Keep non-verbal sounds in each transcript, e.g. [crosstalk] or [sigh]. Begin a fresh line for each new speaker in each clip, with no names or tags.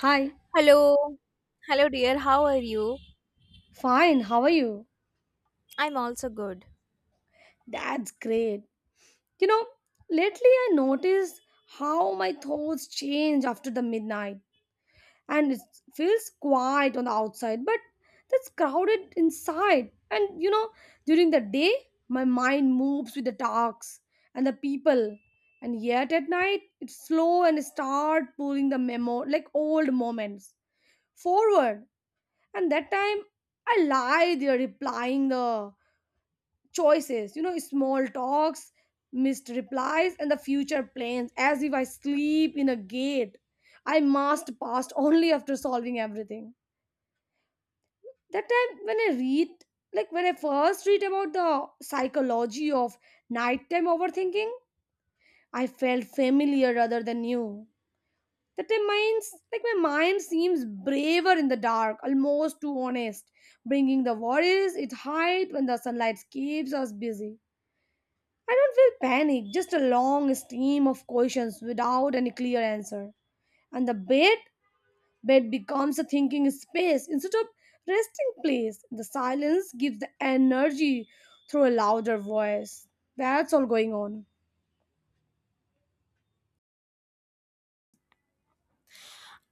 Hi,
Hello. Hello, dear. How are you?
fine, how are you?
I'm also good.
That's great. You know, lately I noticed how my thoughts change after the midnight, and it feels quiet on the outside, but that's crowded inside. And you know, during the day, my mind moves with the talks and the people, and yet at night, it's slow and start pulling the memo like old moments forward. And that time, I lie there replying the choices, you know, small talks, missed replies, and the future plans, as if I sleep in a gate. I must past [laughs] only after solving everything. That time when I read, like when I first read about the psychology of nighttime overthinking, I felt familiar rather than new. That time minds like my mind seems braver in the dark, almost too honest, bringing the worries it hides when the sunlight keeps us busy. I don't feel panic, just a long stream of questions without any clear answer. And the bed becomes a thinking space instead of resting place. The silence gives the energy through a louder voice. That's all going on.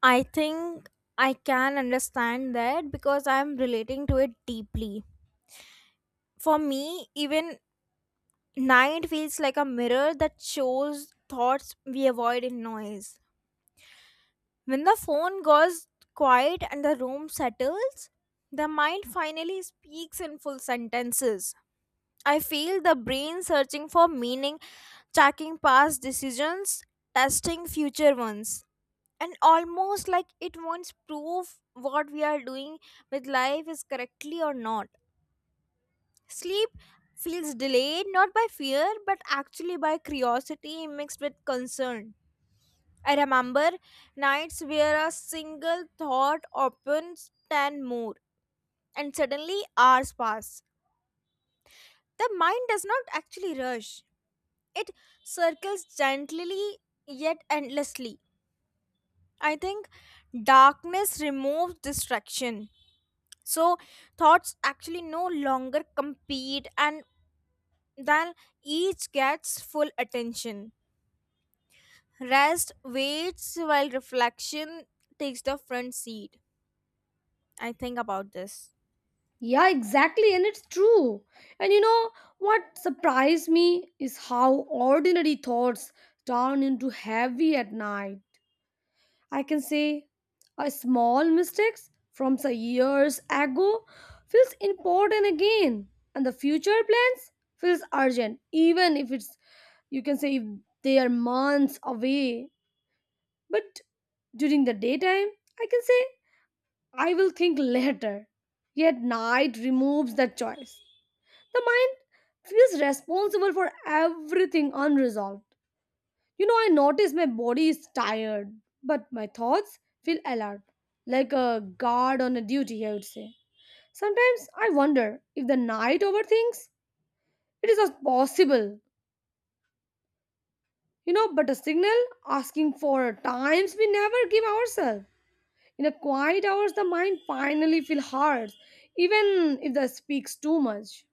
I think I can understand that because I'm relating to it deeply. For me, even night feels like a mirror that shows thoughts we avoid in noise. When the phone goes quiet and the room settles, the mind finally speaks in full sentences. I feel the brain searching for meaning, tracking past decisions, testing future ones. And almost like it wants proof what we are doing with life is correctly or not. Sleep feels delayed not by fear but actually by curiosity mixed with concern. I remember nights where a single thought opens 10 more and suddenly hours pass. The mind does not actually rush, it circles gently yet endlessly. I think darkness removes distraction, so thoughts actually no longer compete, and then each gets full attention. Rest waits while reflection takes the front seat. I think about this.
Yeah, exactly, and it's true. And you know what surprised me is how ordinary thoughts turn into heavy at night. I can say a small mistakes from some years ago feels important again, and the future plans feels urgent even if it's, you can say, if they are months away. But during the daytime I can say I will think later, yet night removes that choice. The mind feels responsible for everything unresolved. You know, I notice my body is tired, but my thoughts feel alert, like a guard on a duty, I would say. Sometimes I wonder if the night overthinks. It is not possible, you know, but a signal asking for times we never give ourselves. In the quiet hours, the mind finally feels hard, even if the speaks too much.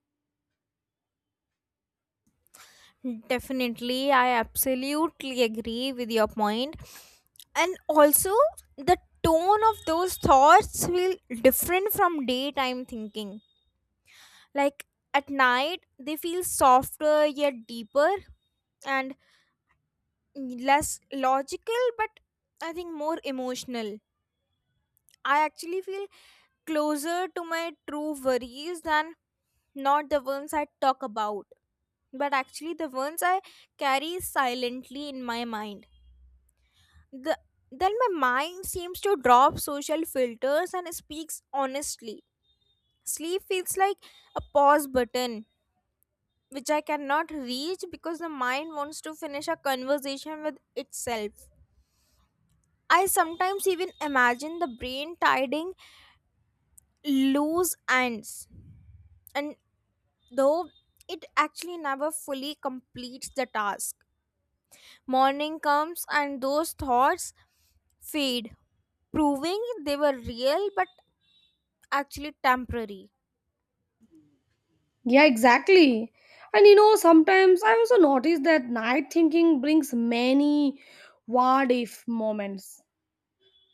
Definitely, I absolutely agree with your point. And also, the tone of those thoughts feel different from daytime thinking, like at night they feel softer yet deeper, and less logical but I think more emotional. I actually feel closer to my true worries than not the ones I talk about, but actually the ones I carry silently in my mind. the then my mind seems to drop social filters and speaks honestly. Sleep feels like a pause button which I cannot reach because the mind wants to finish a conversation with itself. I sometimes even imagine the brain tying loose ends, and though it actually never fully completes the task. Morning comes and those thoughts fade, proving they were real but actually temporary.
Yeah, exactly. And you know, sometimes I also notice that night thinking brings many what if moments,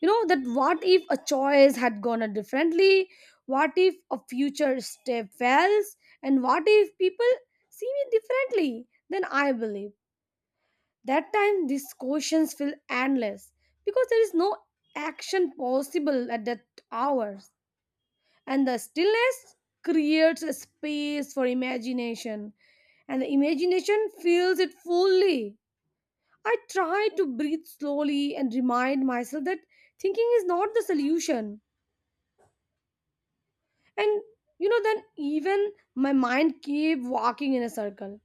you know, that what if a choice had gone out differently, what if a future step fails, and what if people see me differently than I believe. That time these questions feel endless because there is no action possible at that hours, and the stillness creates a space for imagination, and the imagination fills it fully. I try to breathe slowly and remind myself that thinking is not the solution. And you know, then even my mind keep walking in a circle.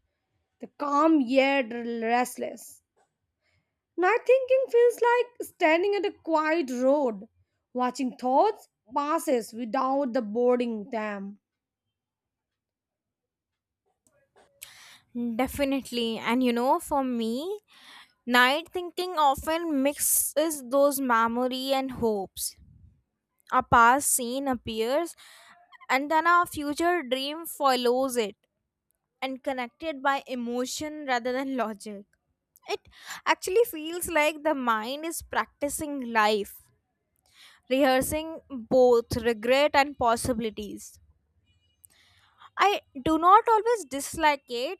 The calm yet restless night thinking feels like standing at a quiet road watching thoughts passes without the boarding them.
Definitely, and you know, for me, night thinking often mixes those memory and hopes. A past scene appears, and then a future dream follows it and connected by emotion rather than logic. It actually feels like the mind is practicing life, rehearsing both regret and possibilities. I do not always dislike it,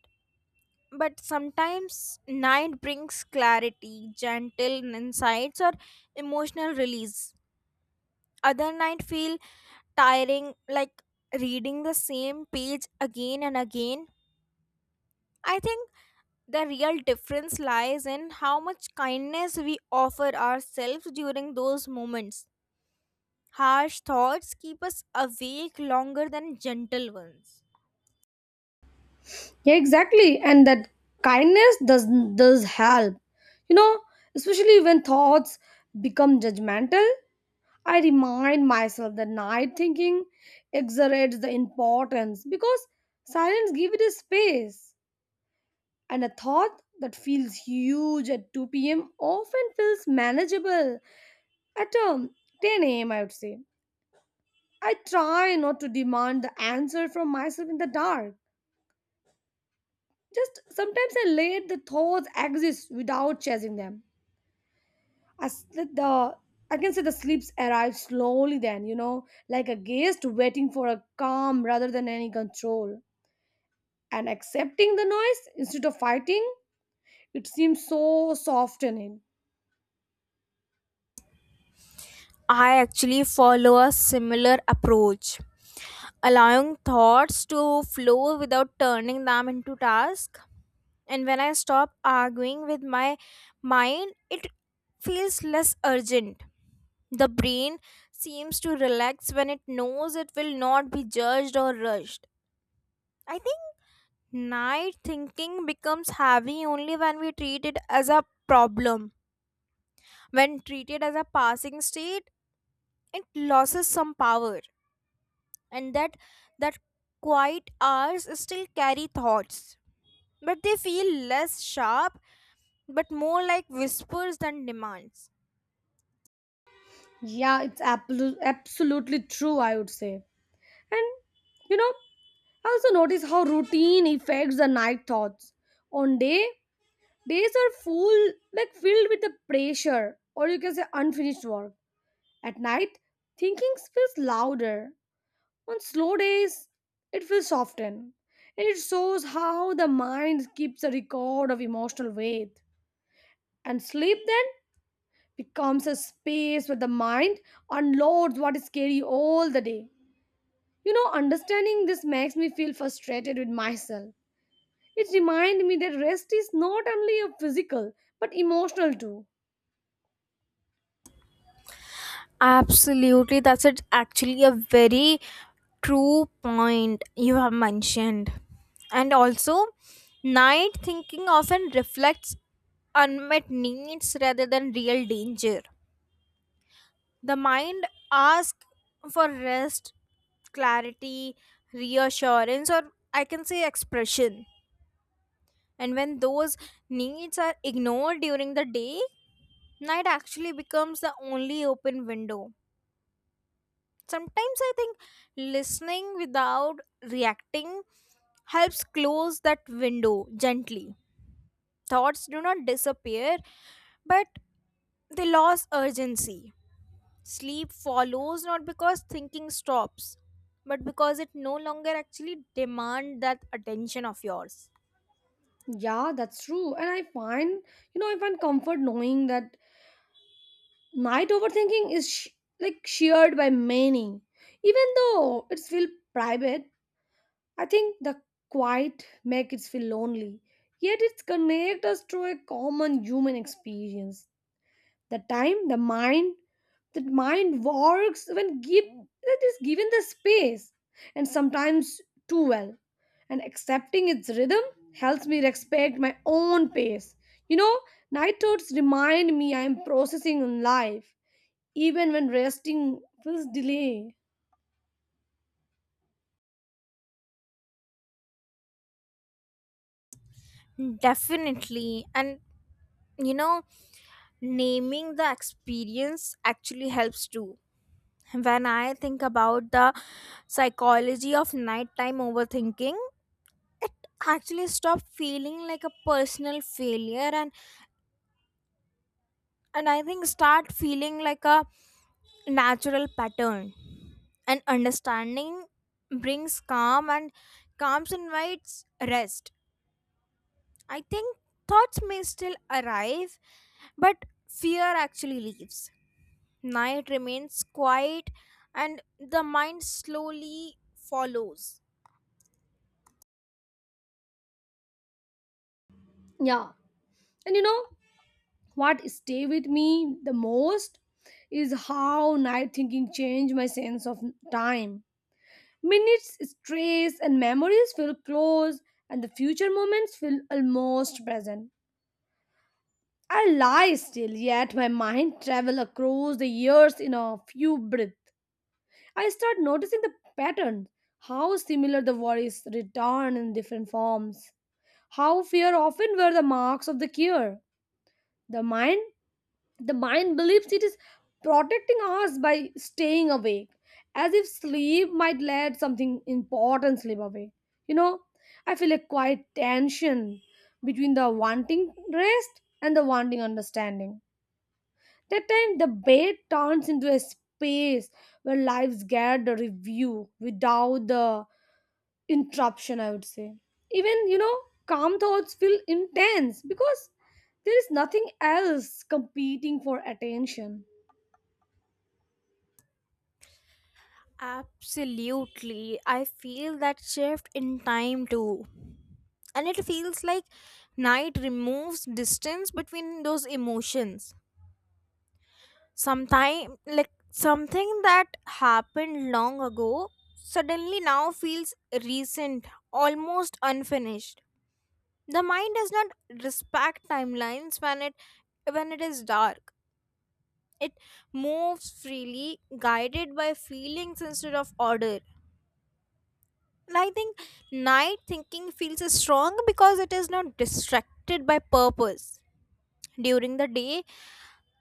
but sometimes night brings clarity, gentle insights, or emotional release. Other night feel tiring, like reading the same page again and again. I think the real difference lies in how much kindness we offer ourselves during those moments. Harsh thoughts keep us awake longer than gentle ones.
Yeah, exactly, and that kindness does help, you know, especially when thoughts become judgmental. I remind myself that night thinking exaggerates the importance because silence gives it a space. And a thought that feels huge at 2 p.m. often feels manageable at 10 a.m. I would say. I try not to demand the answer from myself in the dark. Just sometimes I let the thoughts exist without chasing them. As the I can say the sleeps arrive slowly then, you know, like a guest waiting for a calm rather than any control. And accepting the noise instead of fighting, it seems so softening.
I actually follow a similar approach, allowing thoughts to flow without turning them into tasks. And when I stop arguing with my mind, it feels less urgent. The brain seems to relax when it knows it will not be judged or rushed. I think night thinking becomes heavy only when we treat it as a problem. When treated as a passing state, it loses some power. And that quiet hours still carry thoughts. But they feel less sharp but more like whispers than demands.
Yeah, it's absolutely true, I would say. And you know, I also notice how routine affects the night thoughts. On day, days are full, like filled with the pressure, or you can say unfinished work. At night, thinking feels louder. On slow days, it feels softened. And it shows how the mind keeps a record of emotional weight. And sleep then becomes a space where the mind unloads what is scary all the day. You know, understanding this makes me feel frustrated with myself. It reminds me that rest is not only a physical but emotional too.
Absolutely, that's it. Actually, a very true point you have mentioned. And also, night thinking often reflects unmet needs rather than real danger. The mind asks for rest, clarity, reassurance, or I can say expression. And when those needs are ignored during the day, night actually becomes the only open window. Sometimes I think listening without reacting helps close that window gently. Thoughts do not disappear, but they lose urgency. Sleep follows not because thinking stops, but because it no longer actually demand that attention of yours.
Yeah, that's true. And I find, you know, I find comfort knowing that night overthinking is like shared by many. Even though it's feel private, I think the quiet make it feel lonely. Yet it connects us to a common human experience. The time the mind works when give it is given the space, and sometimes too well. And accepting its rhythm helps me respect my own pace. You know, night thoughts remind me I am processing in life even when resting feels delay.
Definitely. And you know, naming the experience actually helps too. When I think about the psychology of nighttime overthinking, it actually stopped feeling like a personal failure and I think start feeling like a natural pattern. And understanding brings calm, and calm invites rest. I think thoughts may still arrive, but fear actually leaves. Night remains quiet and the mind slowly follows.
Yeah, and you know what stay with me the most is how night thinking changed my sense of time. Minutes, strays, and memories feel close, and the future moments feel almost present. I lie still, yet my mind travel across the years in a few breaths. I start noticing the patterns, how similar the worries return in different forms, how fear often wear the marks of the cure. The mind The mind believes it is protecting us by staying awake, as if sleep might let something important slip away. You know, I feel a quiet tension between the wanting rest and the wanting understanding. That time, the bed turns into a space where lives get the review without the interruption, I would say. Even, you know, calm thoughts feel intense because there is nothing else competing for attention.
Absolutely. I feel that shift in time too. And it feels like night removes distance between those emotions. Sometime, like something that happened long ago, suddenly now feels recent, almost unfinished. The mind does not respect timelines when it is dark. It moves freely, guided by feelings instead of order. And I think night thinking feels strong because it is not distracted by purpose. During the day,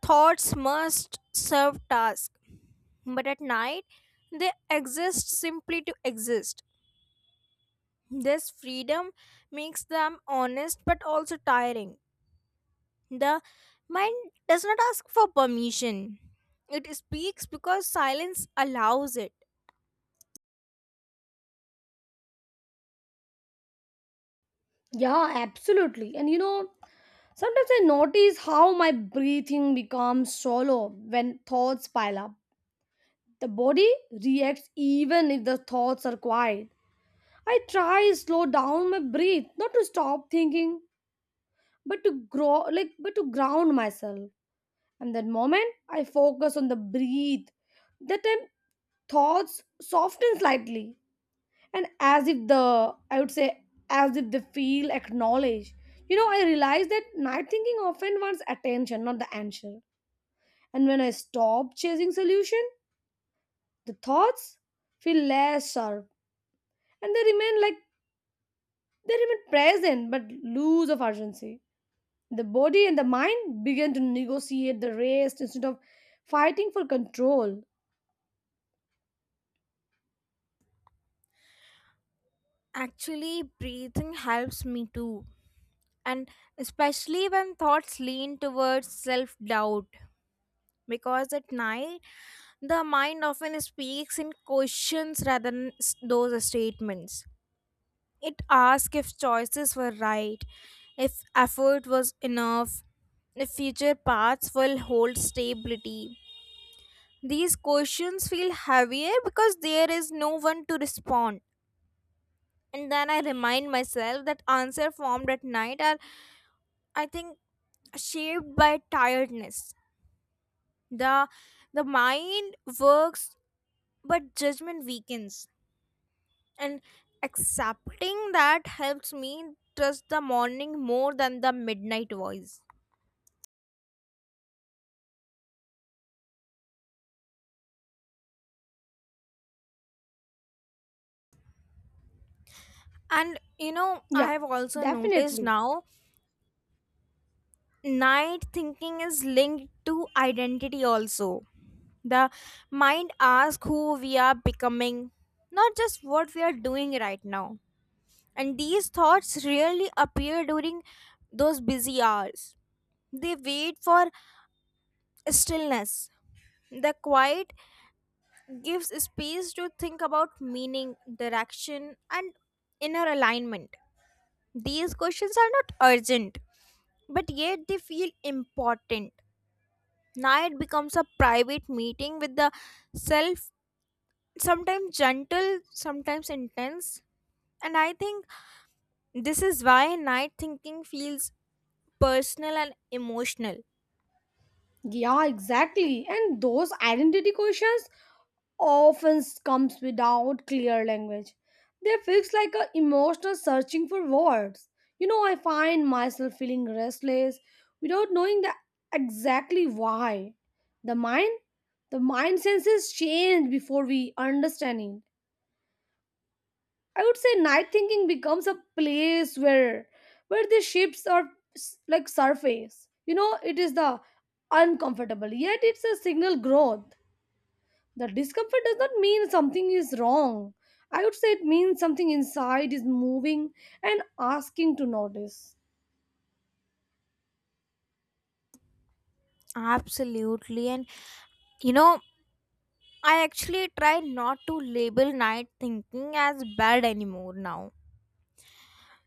thoughts must serve task, but at night they exist simply to exist. This freedom makes them honest but also tiring. The mind does not ask for permission. It speaks because silence allows it.
Yeah, absolutely. And you know, sometimes I notice how my breathing becomes shallow when thoughts pile up. The body reacts even if the thoughts are quiet. I try slow down my breath, not to stop thinking, but to grow like but to ground myself. And that moment I focus on the breathe. That time thoughts soften slightly, and as if the, I would say, as if they feel acknowledged. You know, I realized that night thinking often wants attention not the answer. And when I stop chasing solution, the thoughts feel less sharp, and they remain present but loose of urgency. The body and the mind begin to negotiate the rest instead of fighting for control.
Actually, breathing helps me too. And especially when thoughts lean towards self doubt. Because at night, the mind often speaks in questions rather than those statements. It asks if choices were right, if effort was enough, if future paths will hold stability. These questions feel heavier because there is no one to respond. And then I remind myself that answer formed at night are, I think, shaped by tiredness. The the mind works but judgment weakens. And accepting that helps me trust the morning more than the midnight voice. And you know, I
Yeah,
have also noticed
definitely.
now night thinking is linked to identity also. The mind asks who we are becoming, not just what we are doing right now. And these thoughts rarely appear during those busy hours. They wait for stillness. The quiet gives space to think about meaning, direction, and inner alignment. These questions are not urgent, but yet they feel important. Night becomes a private meeting with the self, sometimes gentle, sometimes intense. And I think this is why night thinking feels personal and emotional.
Yeah, exactly, and those identity questions often comes without clear language. They fix like a emotional searching for words. You know, I find myself feeling restless without knowing the exactly why. The mind, the mind senses change before we understand it. I would say night thinking becomes a place where the ships are like surface. You know, it is the uncomfortable, yet it's a signal growth. The discomfort does not mean something is wrong. I would say it means something inside is moving and asking to notice.
Absolutely. And you know, I actually try not to label night thinking as bad anymore now.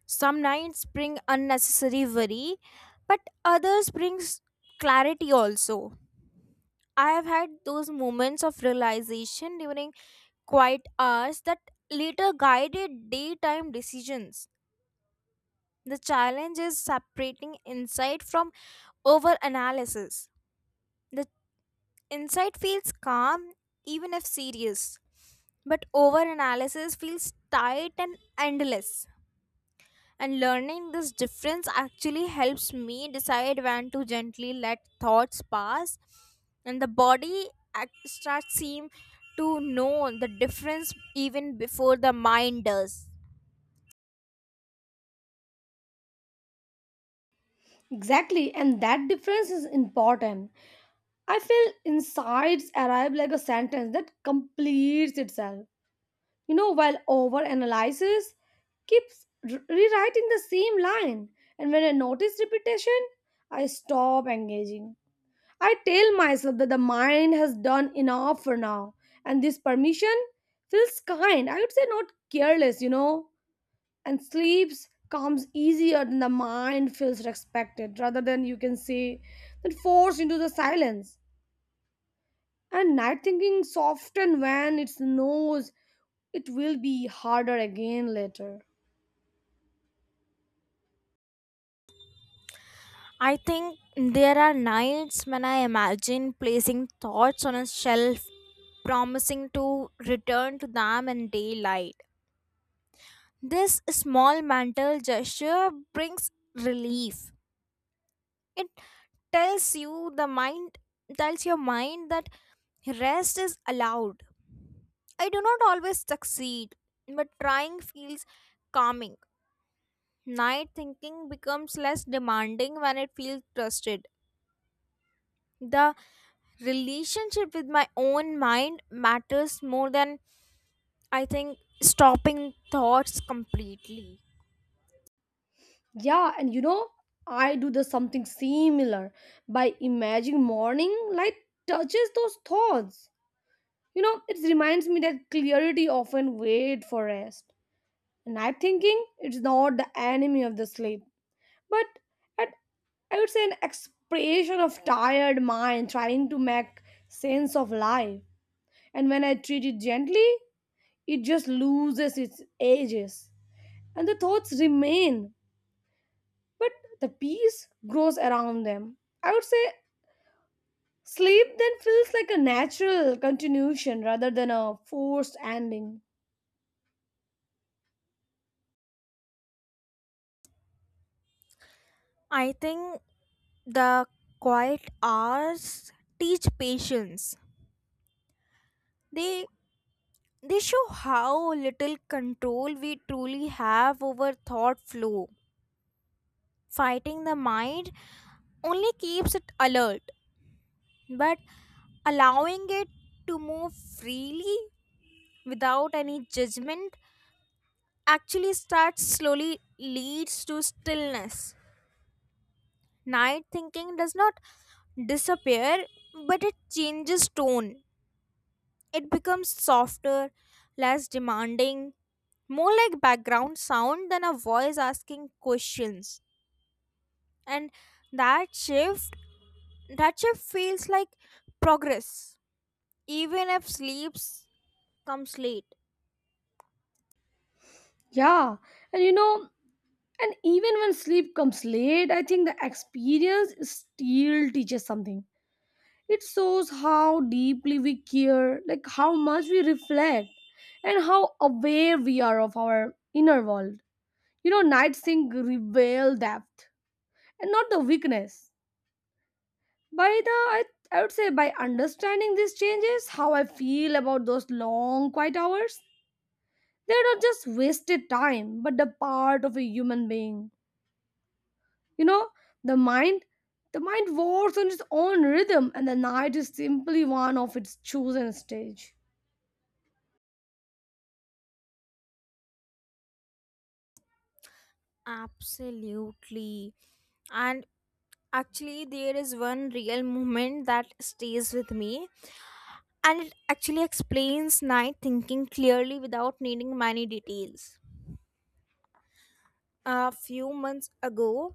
Some nights bring unnecessary worry, but others brings clarity also. I have had those moments of realization during quiet hours that later guided daytime decisions. The challenge is separating insight from over analysis. The insight feels calm even if serious, but over analysis feels tight and endless. And learning this difference actually helps me decide when to gently let thoughts pass, and the body starts seem to know the difference even before the mind does.
Exactly, and that difference is important. I feel insights arrive like a sentence that completes itself. You know, while over analysis keeps rewriting the same line, and when I notice repetition, I stop engaging. I tell myself that the mind has done enough for now, and this permission feels kind. I would say not careless, you know, and sleeps comes easier than the mind feels respected rather than you can say that forced into the silence. And night thinking soften when it knows it will be harder again later.
I think there are nights when I imagine placing thoughts on a shelf, promising to return to them in daylight. This small mental gesture brings relief. It tells you the mind tells your mind that rest is allowed. I do not always succeed, but trying feels calming. Night thinking becomes less demanding when it feels trusted. The relationship with my own mind matters more than I think stopping thoughts completely.
Yeah, and you know, I do the something similar by imagining morning light touches those thoughts. You know, it reminds me that clarity often wait for rest. Night thinking, it's not the enemy of the sleep, but at, I would say, an expression of tired mind trying to make sense of life. And when I treat it gently, it just loses its edges. And the thoughts remain, but the peace grows around them. I would say sleep then feels like a natural continuation rather than a forced ending.
I think the quiet hours teach patience. They they show how little control we truly have over thought flow. Fighting the mind only keeps it alert, but allowing it to move freely without any judgment actually starts slowly leads to stillness. Night thinking does not disappear, but it changes tone. It becomes softer, less demanding, more like background sound than a voice asking questions. And that shift, that shift feels like progress, even if sleeps comes late.
Yeah, and you know, and even when sleep comes late, I think the experience still teaches something. It shows how deeply we care, like how much we reflect, and how aware we are of our inner world. You know, night sync reveal depth and not the weakness. By the, I, I would say, by understanding these changes, how I feel about those long quiet hours, they're not just wasted time, but the part of a human being. You know, the mind the mind wars on its own rhythm, and the night is simply one of its chosen stage.
Absolutely. And actually, there is one real moment that stays with me, and it actually explains night thinking clearly without needing many details. A few months ago,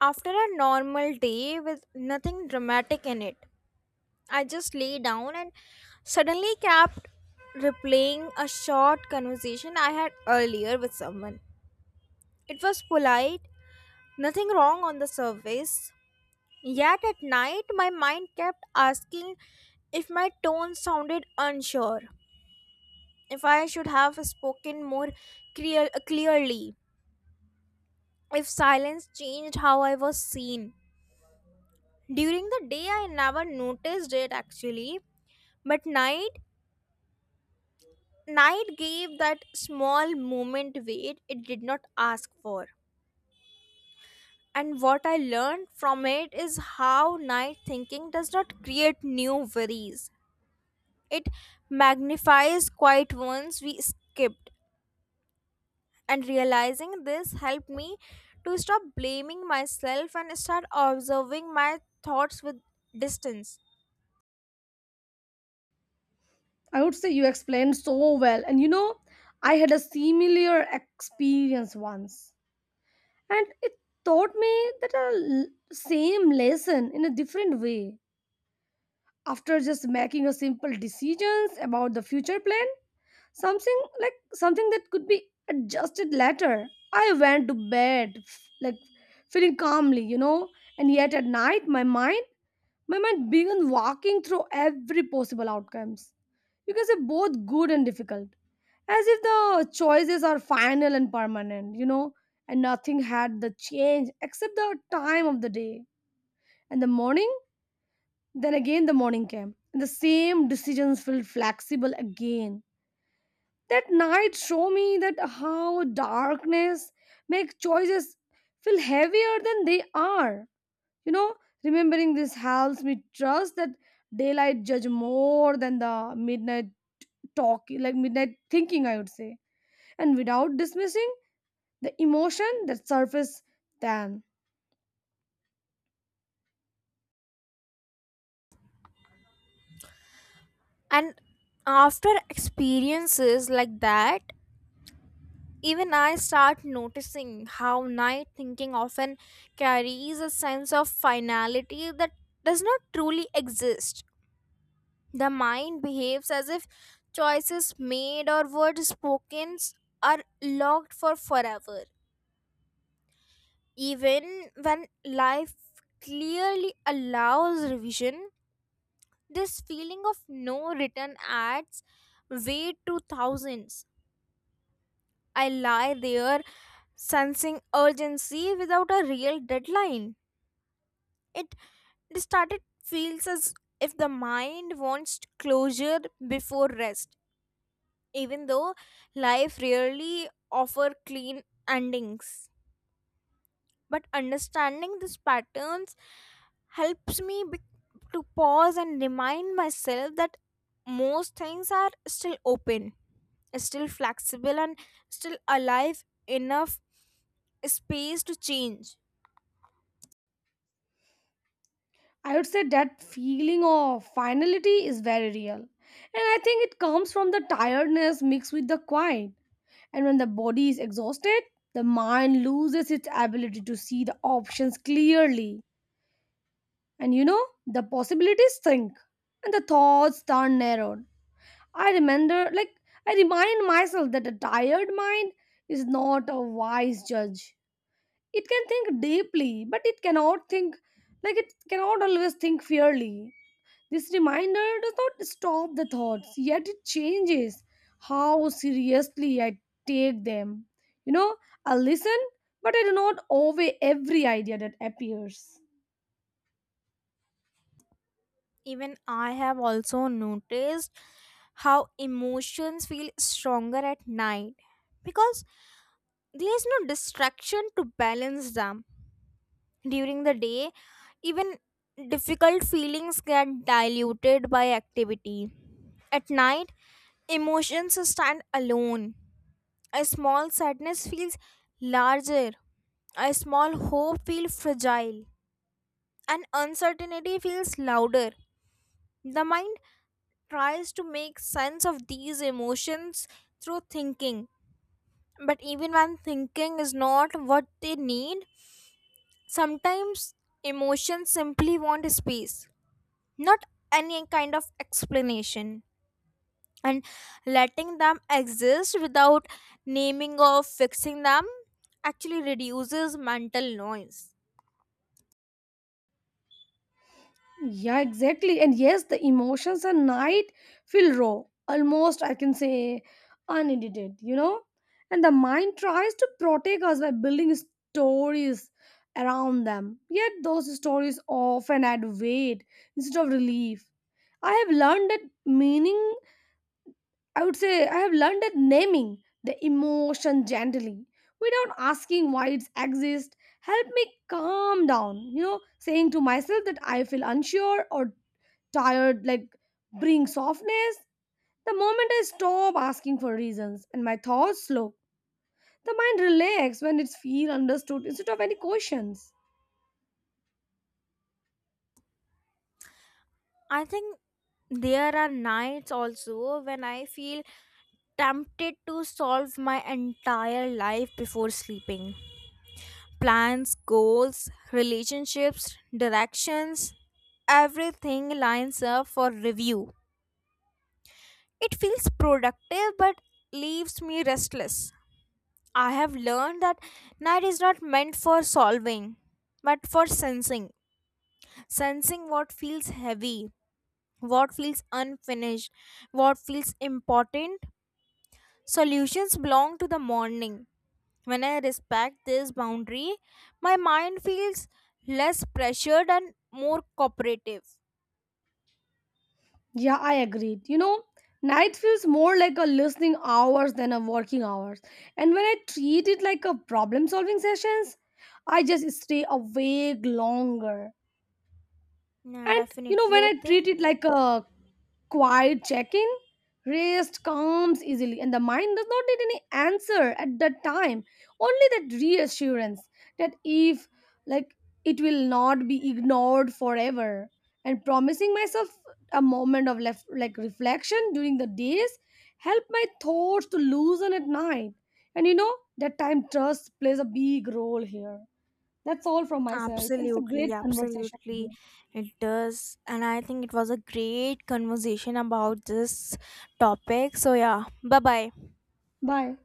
after a normal day with nothing dramatic in it, I just lay down and suddenly kept replaying a short conversation I had earlier with someone. It was polite, nothing wrong on the surface, yet at night my mind kept asking if my tone sounded unsure, if I should have spoken more clearly, if silence changed how I was seen. During the day, I never noticed it actually, but night gave that small moment weight it did not ask for. And what I learned from it is how night thinking does not create new worries. It magnifies quiet ones we skipped. And realizing this helped me to stop blaming myself and start observing my thoughts with distance.
I would say you explained so well. And you know, I had a similar experience once, and it taught me that same lesson in a different way. After just making a simple decisions about the future plan, something like something that could be adjusted later, I went to bed like feeling calmly, you know. And yet at night my mind began walking through every possible outcomes, you can say both good and difficult, as if the choices are final and permanent, you know, and nothing had the change except the time of the day. And the morning, then again the morning came, and the same decisions felt flexible again. That night show me that how darkness make choices feel heavier than they are. You know, remembering this helps me trust that daylight judge more than the midnight talk, like midnight thinking, I would say, and without dismissing the emotion that surface then.
And after experiences like that, even I start noticing how night thinking often carries a sense of finality that does not truly exist. The mind behaves as if choices made or words spoken are locked for forever. Even when life clearly allows revision, this feeling of no return adds weight to thousands. I lie there sensing urgency without a real deadline. It started feels as if the mind wants closure before rest, even though life rarely offer clean endings. But understanding these patterns helps me to pause and remind myself that most things are still open, still flexible, and still alive enough space to change.
I would say that feeling of finality is very real. And I think it comes from the tiredness mixed with the quiet. And when the body is exhausted, the mind loses its ability to see the options clearly. And you know, the possibilities shrink and the thoughts turn narrowed. I remember, like, I remind myself that a tired mind is not a wise judge. It can think deeply, but it cannot think, like, it cannot always think fairly. This reminder does not stop the thoughts, yet it changes how seriously I take them. You know, I listen, but I do not obey every idea that appears.
Even I have also noticed how emotions feel stronger at night because there is no distraction to balance them. During the day, even difficult feelings get diluted by activity. At night, emotions stand alone. A small sadness feels larger, a small hope feels fragile, and uncertainty feels louder. The mind tries to make sense of these emotions through thinking, but even when thinking is not what they need, sometimes emotions simply want space, not any kind of explanation. And letting them exist without naming or fixing them actually reduces mental noise.
Yeah, exactly. And yes, the emotions at night feel raw, almost, I can say, unedited, you know? And the mind tries to protect us by building stories around them. Yet those stories often add weight instead of relief. I have learned that meaning, I would say, I have learned that naming the emotion gently without asking why it exists help me calm down. You know, saying to myself that I feel unsure or tired, like, bring softness. The moment I stop asking for reasons and my thoughts slow, the mind relax when it feels understood instead of any questions.
I think there are nights also when I feel tempted to solve my entire life before sleeping. Plans, goals, relationships, directions, everything lines up for review. It feels productive but leaves me restless. I have learned that night is not meant for solving, but for sensing. Sensing what feels heavy, what feels unfinished, what feels important. Solutions belong to the morning. When I respect this boundary, my mind feels less pressured and more cooperative.
Yeah, I agreed. You know, night feels more like a listening hours than a working hours. And when I treat it like a problem solving sessions, I just stay awake longer.
Yeah,
And you know,
definitely.
when
I
I
think
treat it like a quiet check in, rest comes easily, and the mind does not need any answer at that time. Only that reassurance that if, like, it will not be ignored forever. And promising myself a moment of like reflection during the days help my thoughts to loosen at night. And you know, that time trust plays a big role here. That's all from my side, and it's a
absolutely,
great conversation with
absolutely.
you.
It does. And I think it was a great conversation about this topic. So, yeah, bye bye.
Bye.